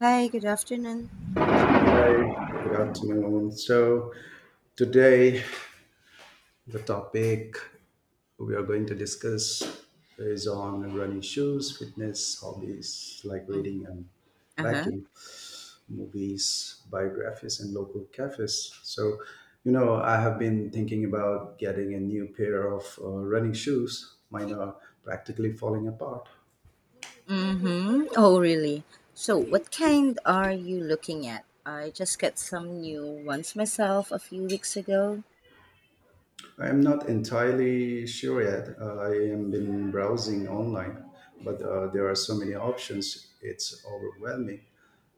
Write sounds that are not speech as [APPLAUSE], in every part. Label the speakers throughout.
Speaker 1: Hi, good afternoon.
Speaker 2: Hi, good afternoon. So, today the topic we are going to discuss is on running shoes, fitness, hobbies like
Speaker 1: Mm-hmm.
Speaker 2: reading and
Speaker 1: Uh-huh.
Speaker 2: baking, movies, biographies, and local cafes. So, I have been thinking about getting a new pair of running shoes. Mine are practically falling apart.
Speaker 1: Mm-hmm. Oh, really? So, what kind are you looking at? I just got some new ones myself a few weeks ago.
Speaker 2: I'm not entirely sure yet. I am been browsing online, but there are so many options. It's overwhelming.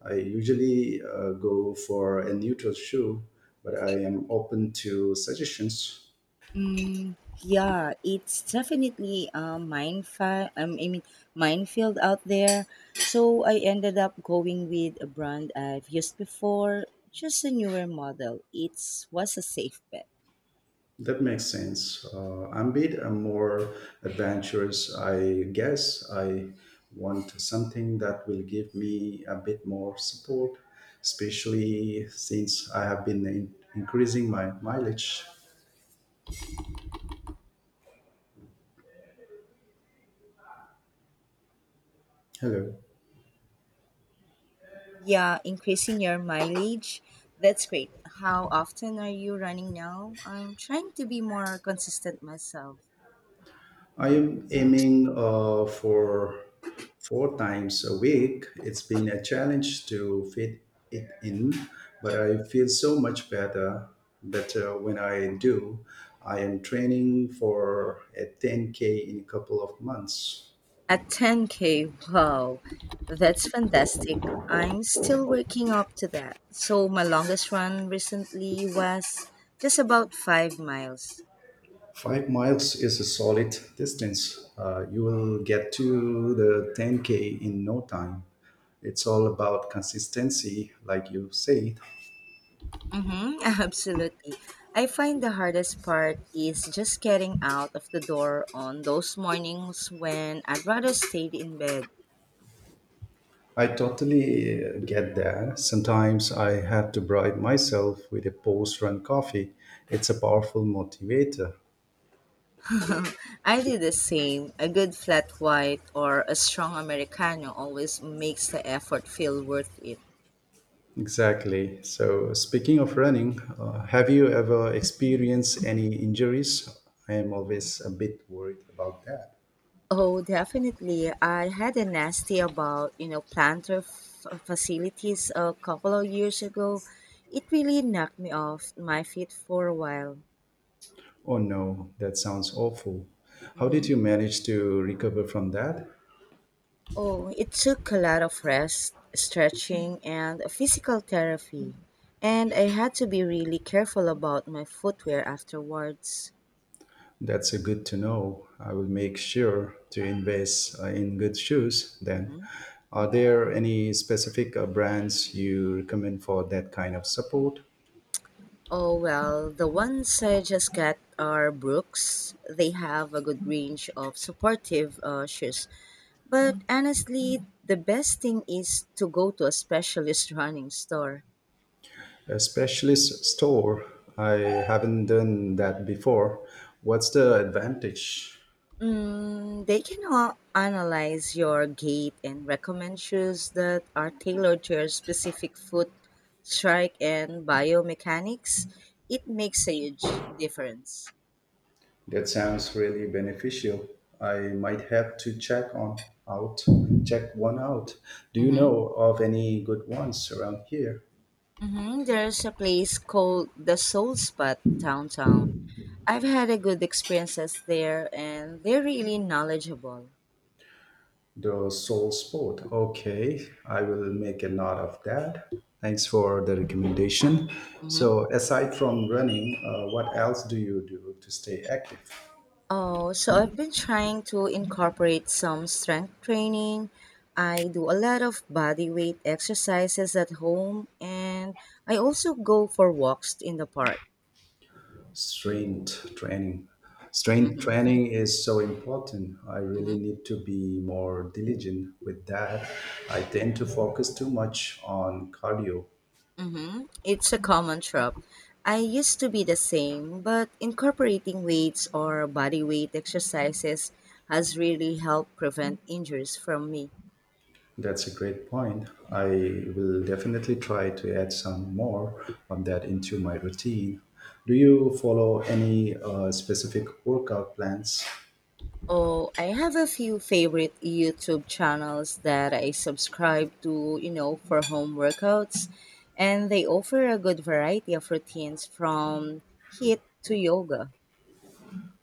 Speaker 2: I usually go for a neutral shoe, but I am open to suggestions.
Speaker 1: Mm, yeah, it's definitely a minefield out there. So, I ended up going with a brand I've used before, just a newer model. It was a safe bet.
Speaker 2: That makes sense. I'm a bit more adventurous, I guess. I want something that will give me a bit more support, especially since I have been increasing my mileage. Hello.
Speaker 1: Yeah, increasing your mileage. That's great. How often are you running now? I'm trying to be more consistent myself.
Speaker 2: I am aiming for four times a week. It's been a challenge to fit it in, but I feel so much better when I do. I am training for a 10K in a couple of months.
Speaker 1: At 10K, wow, that's fantastic. I'm still working up to that. So, my longest run recently was just about 5 miles.
Speaker 2: 5 miles is a solid distance. You will get to the 10K in no time. It's all about consistency, like you say.
Speaker 1: Mm-hmm, [LAUGHS] absolutely. I find the hardest part is just getting out of the door on those mornings when I'd rather stayed in bed.
Speaker 2: I totally get that. Sometimes I have to bribe myself with a post run coffee. It's a powerful motivator.
Speaker 1: [LAUGHS] I did the same. A good flat white or a strong Americano always makes the effort feel worth it.
Speaker 2: Exactly. So, speaking of running, have you ever experienced any injuries? I am always a bit worried about that.
Speaker 1: Oh, definitely. I had a nasty about, planter facilities a couple of years ago. It really knocked me off my feet for a while.
Speaker 2: Oh no, that sounds awful. How did
Speaker 1: Hmm.
Speaker 2: you manage to recover from that?
Speaker 1: Oh, it took a lot of rest, stretching, and physical therapy. And I had to be really careful about my footwear afterwards.
Speaker 2: That's a good to know. I will make sure to invest in good shoes then. Are there any specific brands you recommend for that kind of support?
Speaker 1: Oh, well, the ones I just got are Brooks. They have a good range of supportive shoes. But honestly, the best thing is to go to a specialist [LAUGHS] running store.
Speaker 2: A specialist store. I haven't done that before. What's the advantage?
Speaker 1: Mm, they can analyze your gait and recommend shoes that are tailored to your specific foot strike and biomechanics. It makes a huge difference.
Speaker 2: That sounds really beneficial. I might have to out check one out. Do you
Speaker 1: Hmm.
Speaker 2: know of any good ones around here?
Speaker 1: Mm-hmm. There's a place called the Soul Spot downtown. I've had a good experiences there and they're really knowledgeable.
Speaker 2: The soul sport. Okay, I will make a note of that. Thanks for the recommendation.
Speaker 1: Hmm.
Speaker 2: So, aside from running, what else do you do to stay active?
Speaker 1: Oh, so I've been trying to incorporate some strength training. I do a lot of body weight exercises at home and I also go for walks in the park.
Speaker 2: Strength training. Strength
Speaker 1: Hmm.
Speaker 2: training is so important. I really
Speaker 1: Hmm.
Speaker 2: need to be more diligent with that. I tend to focus too much on cardio.
Speaker 1: Hmm. It's a common trope. I used to be the same, but incorporating weights or body weight exercises has really helped prevent injuries from me.
Speaker 2: That's a great point. I will definitely try to add some more of that into my routine. Do you follow any specific workout plans?
Speaker 1: Oh, I have a few favorite YouTube channels that I subscribe to, for home workouts, and they offer a good variety of routines from HIIT to yoga.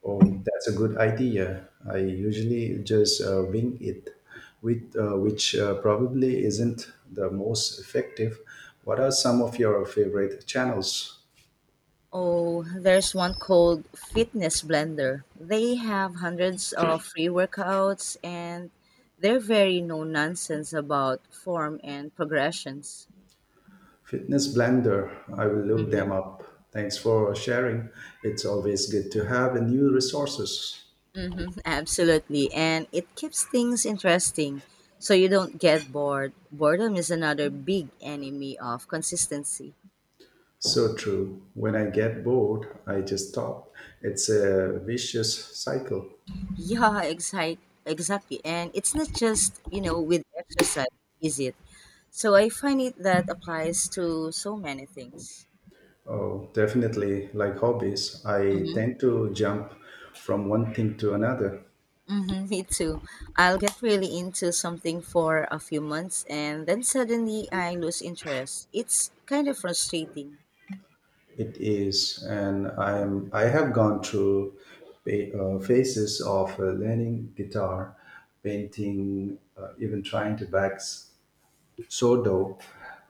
Speaker 2: Oh, that's a good idea. I usually just wing it, with, which probably isn't the most effective. What are some of your favorite channels?
Speaker 1: Oh, there's one called Fitness Blender. They have hundreds of free workouts and they're very no nonsense about form and progressions.
Speaker 2: Fitness Blender, I will look
Speaker 1: Mhm.
Speaker 2: them up. Thanks for sharing. It's always good to have new resources.
Speaker 1: Hmm, absolutely. And it keeps things interesting so you don't get bored. Boredom is another big enemy of consistency.
Speaker 2: So true. When I get bored, I just stop. It's a vicious cycle.
Speaker 1: Yeah, exact, exactly. And it's not just, with exercise, is it? So I find it that applies to so many things.
Speaker 2: Oh, definitely. Like hobbies, I
Speaker 1: Mm-hmm.
Speaker 2: tend to jump from one thing to another.
Speaker 1: Mm-hmm, me too. I'll get really into something for a few months and then suddenly I lose interest. It's kind of frustrating.
Speaker 2: It is, and I am. I have gone through phases of learning guitar, painting, even trying to sourdough.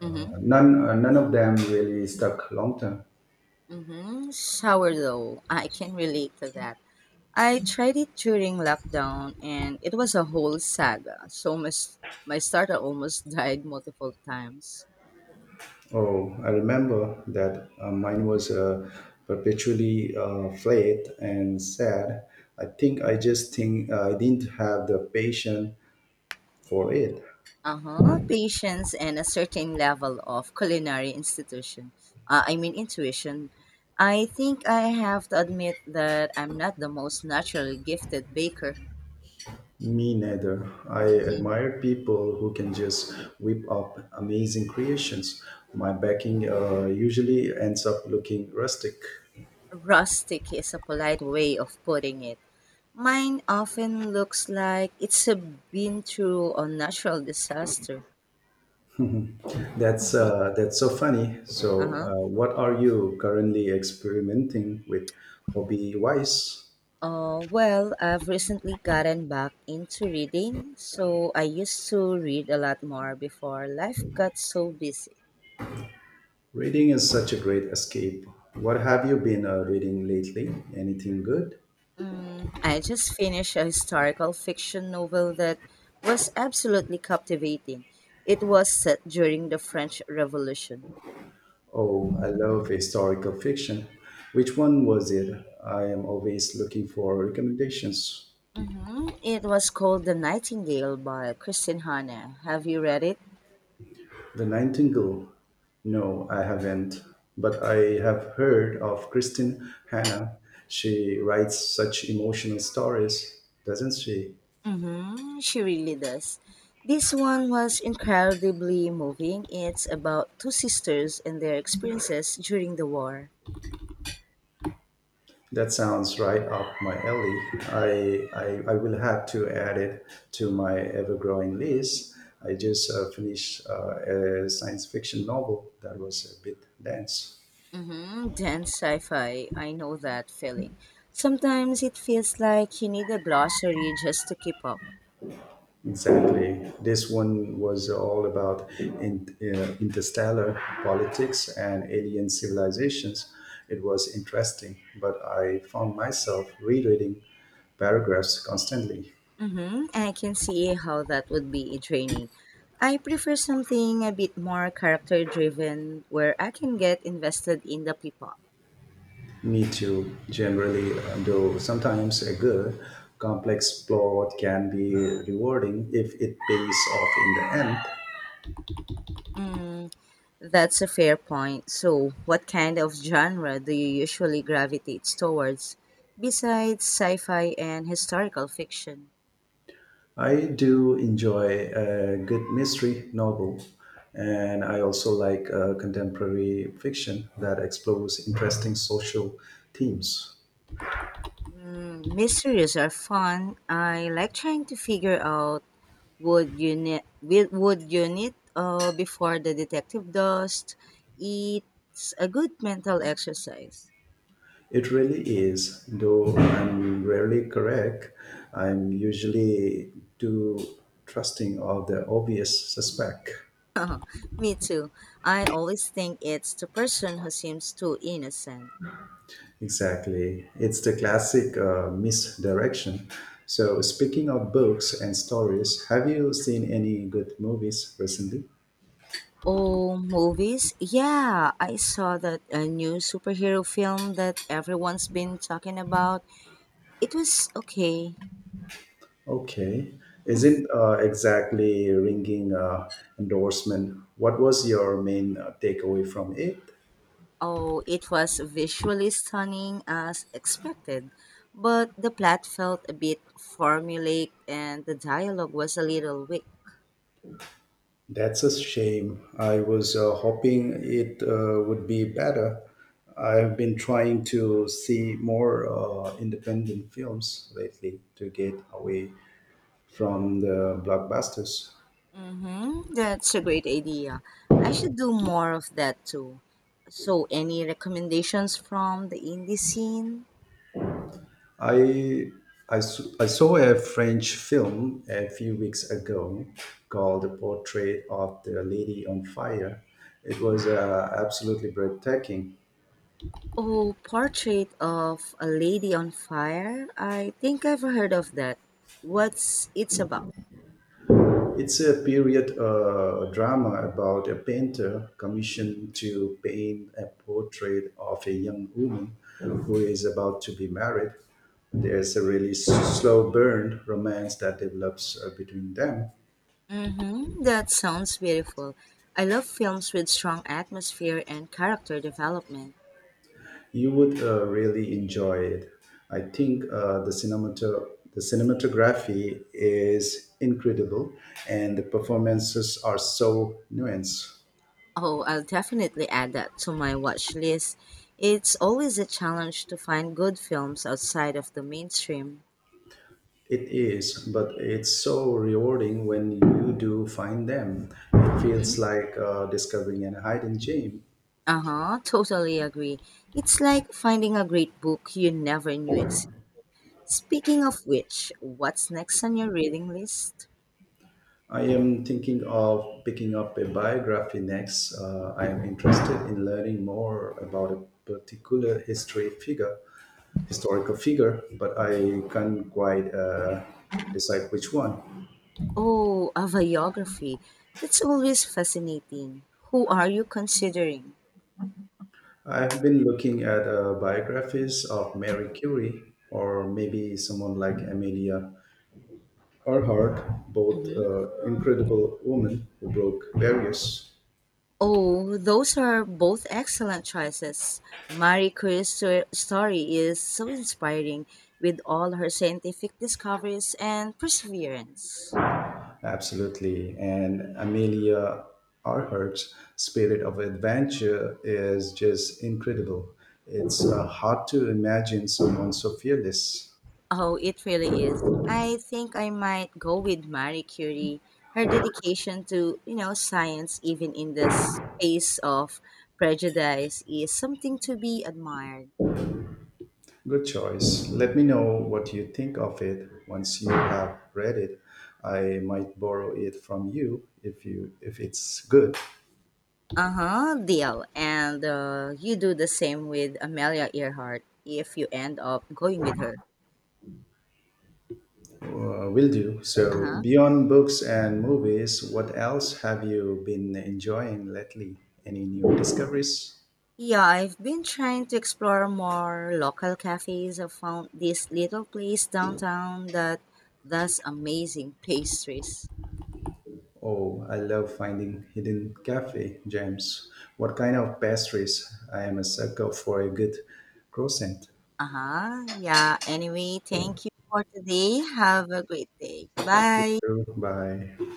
Speaker 1: Mm-hmm.
Speaker 2: None of them really stuck long term.
Speaker 1: Mm-hmm. Sourdough. I can relate to that. I tried it during lockdown and it was a whole saga. My starter almost [LAUGHS] died multiple times.
Speaker 2: Oh, I remember that mine was perpetually flat and sad. I think I just think I didn't have the patience for it.
Speaker 1: Uh huh. Patience and a certain level of culinary intuition. I think I have to admit that I'm not the most naturally gifted baker.
Speaker 2: Me neither. I
Speaker 1: Mhm.
Speaker 2: admire people who can just whip up amazing creations. My backing usually ends up looking rustic.
Speaker 1: Rustic is a polite way of putting it. Mine often looks like it's a been through a natural disaster.
Speaker 2: That's so funny. So,
Speaker 1: Uh-huh.
Speaker 2: what are you currently experimenting with, hobby wise?
Speaker 1: Well, I've recently gotten back into reading, so I used to read a lot more before life got so busy.
Speaker 2: Reading is such a great escape. What have you been reading lately? Anything good?
Speaker 1: Mm, I just finished a historical fiction novel that was absolutely captivating. It was set during the French Revolution.
Speaker 2: Oh, I love historical fiction. Which one was it? I am always looking for recommendations.
Speaker 1: Hmm. It was called The Nightingale by Christine Hanna. Have you read it?
Speaker 2: The Nightingale. No, I haven't. But I have heard of Kristin Hanna. She writes such emotional stories, doesn't she?
Speaker 1: Mm-hmm. She really does. This one was incredibly moving. It's about two sisters and their experiences during the war.
Speaker 2: That sounds right up my alley. I will have to add it to my ever growing list. I just finished a science fiction novel that was a bit dense.
Speaker 1: Mm-hmm. Dense sci fi. I know that feeling. Sometimes it feels like you need a glossary just to keep up.
Speaker 2: Exactly. This one was all about interstellar politics and alien civilizations. It was interesting, but I found myself rereading paragraphs constantly.
Speaker 1: Mm-hmm. I can see how that would be draining. I prefer something a bit more character driven where I can get invested in the people.
Speaker 2: Me too, generally, though sometimes a good, complex plot can be rewarding if it pays off in the end.
Speaker 1: Mm, that's a fair point. So, what kind of genre do you usually gravitate towards besides sci fi and historical fiction?
Speaker 2: I do enjoy a good mystery novel, and I also like contemporary fiction that explores interesting social themes.
Speaker 1: Mm, mysteries are fun. I like trying to figure out would you need, would you need before the detective does. It's a good mental exercise.
Speaker 2: It really is, though I'm rarely correct. I'm usually too trusting of the obvious suspect.
Speaker 1: [LAUGHS] Me too. I always think it's the person who seems too innocent.
Speaker 2: Exactly. It's the classic misdirection. So, speaking of books and stories, have you seen any good movies recently?
Speaker 1: Oh, movies? Yeah, I saw that a new superhero film that everyone's been talking about. It was okay.
Speaker 2: Okay. Isn't exactly ringing endorsement. What was your main takeaway from it?
Speaker 1: Oh, it was visually stunning as expected, but the plot felt a bit formulaic and the dialogue was a little weak.
Speaker 2: That's a shame. I was hoping it would be better. I've been trying to see more independent films lately to get away from the blockbusters.
Speaker 1: Mm-hmm, that's a great idea. I should do more of that too. So, any recommendations from the indie scene?
Speaker 2: I, I saw a French film a few weeks ago called The Portrait of the Lady on Fire. It was absolutely breathtaking.
Speaker 1: Oh, Portrait of a Lady on Fire? I think I've heard of that. What's it's about?
Speaker 2: It's a period drama about a painter commissioned to paint a portrait of a young woman who is about to be married. There's a really slow burn romance that develops between them.
Speaker 1: Mm-hmm. That sounds beautiful. I love films with strong atmosphere and character development.
Speaker 2: You would really enjoy it. I think the cinematography is incredible, and the performances are so nuanced.
Speaker 1: Oh, I'll definitely add that to my watch list. It's always a challenge to find good films outside of the mainstream.
Speaker 2: It is, but it's so rewarding when you do find them. It feels
Speaker 1: Mm-hmm.
Speaker 2: like discovering a hidden gem.
Speaker 1: Uh-huh, totally agree. It's like finding a great book you never knew existed. Speaking of which, what's next on your reading list?
Speaker 2: I am thinking of picking up a biography next. I am interested in learning more about a particular history figure. Historical figure, but I can't quite decide which one.
Speaker 1: Oh, a biography. That's always fascinating. Who are you considering?
Speaker 2: I've been looking at biographies of Mary Curie or maybe someone like Amelia Earhart, both
Speaker 1: Hmm.
Speaker 2: incredible women who broke barriers.
Speaker 1: Oh, those are both excellent choices. Marie Curie's story is so inspiring with all her scientific discoveries and perseverance.
Speaker 2: Absolutely. And Amelia Earhart's spirit of adventure is just incredible. It's hard to imagine someone so fearless.
Speaker 1: Oh, it really is. I think I might go with Marie Curie. Her dedication to, science even in the space of prejudice is something to be admired.
Speaker 2: Good choice. Let me know what you think of it once you have read it. I might borrow it from you if it's good.
Speaker 1: Uh-huh, deal. And you do the same with Amelia Earhart if you end up going with her.
Speaker 2: Will do. So
Speaker 1: Uh-huh.
Speaker 2: beyond books and movies, what else have you been enjoying lately? Any new discoveries?
Speaker 1: Yeah, I've been trying to explore more local cafes. I found this little place downtown that does amazing pastries.
Speaker 2: Oh, I love finding hidden cafe gems. What kind of pastries? I am a sucker for a good croissant.
Speaker 1: Uh-huh. Yeah. Anyway, thank you for today. Have a great day.
Speaker 2: You
Speaker 1: Bye.
Speaker 2: too. Bye.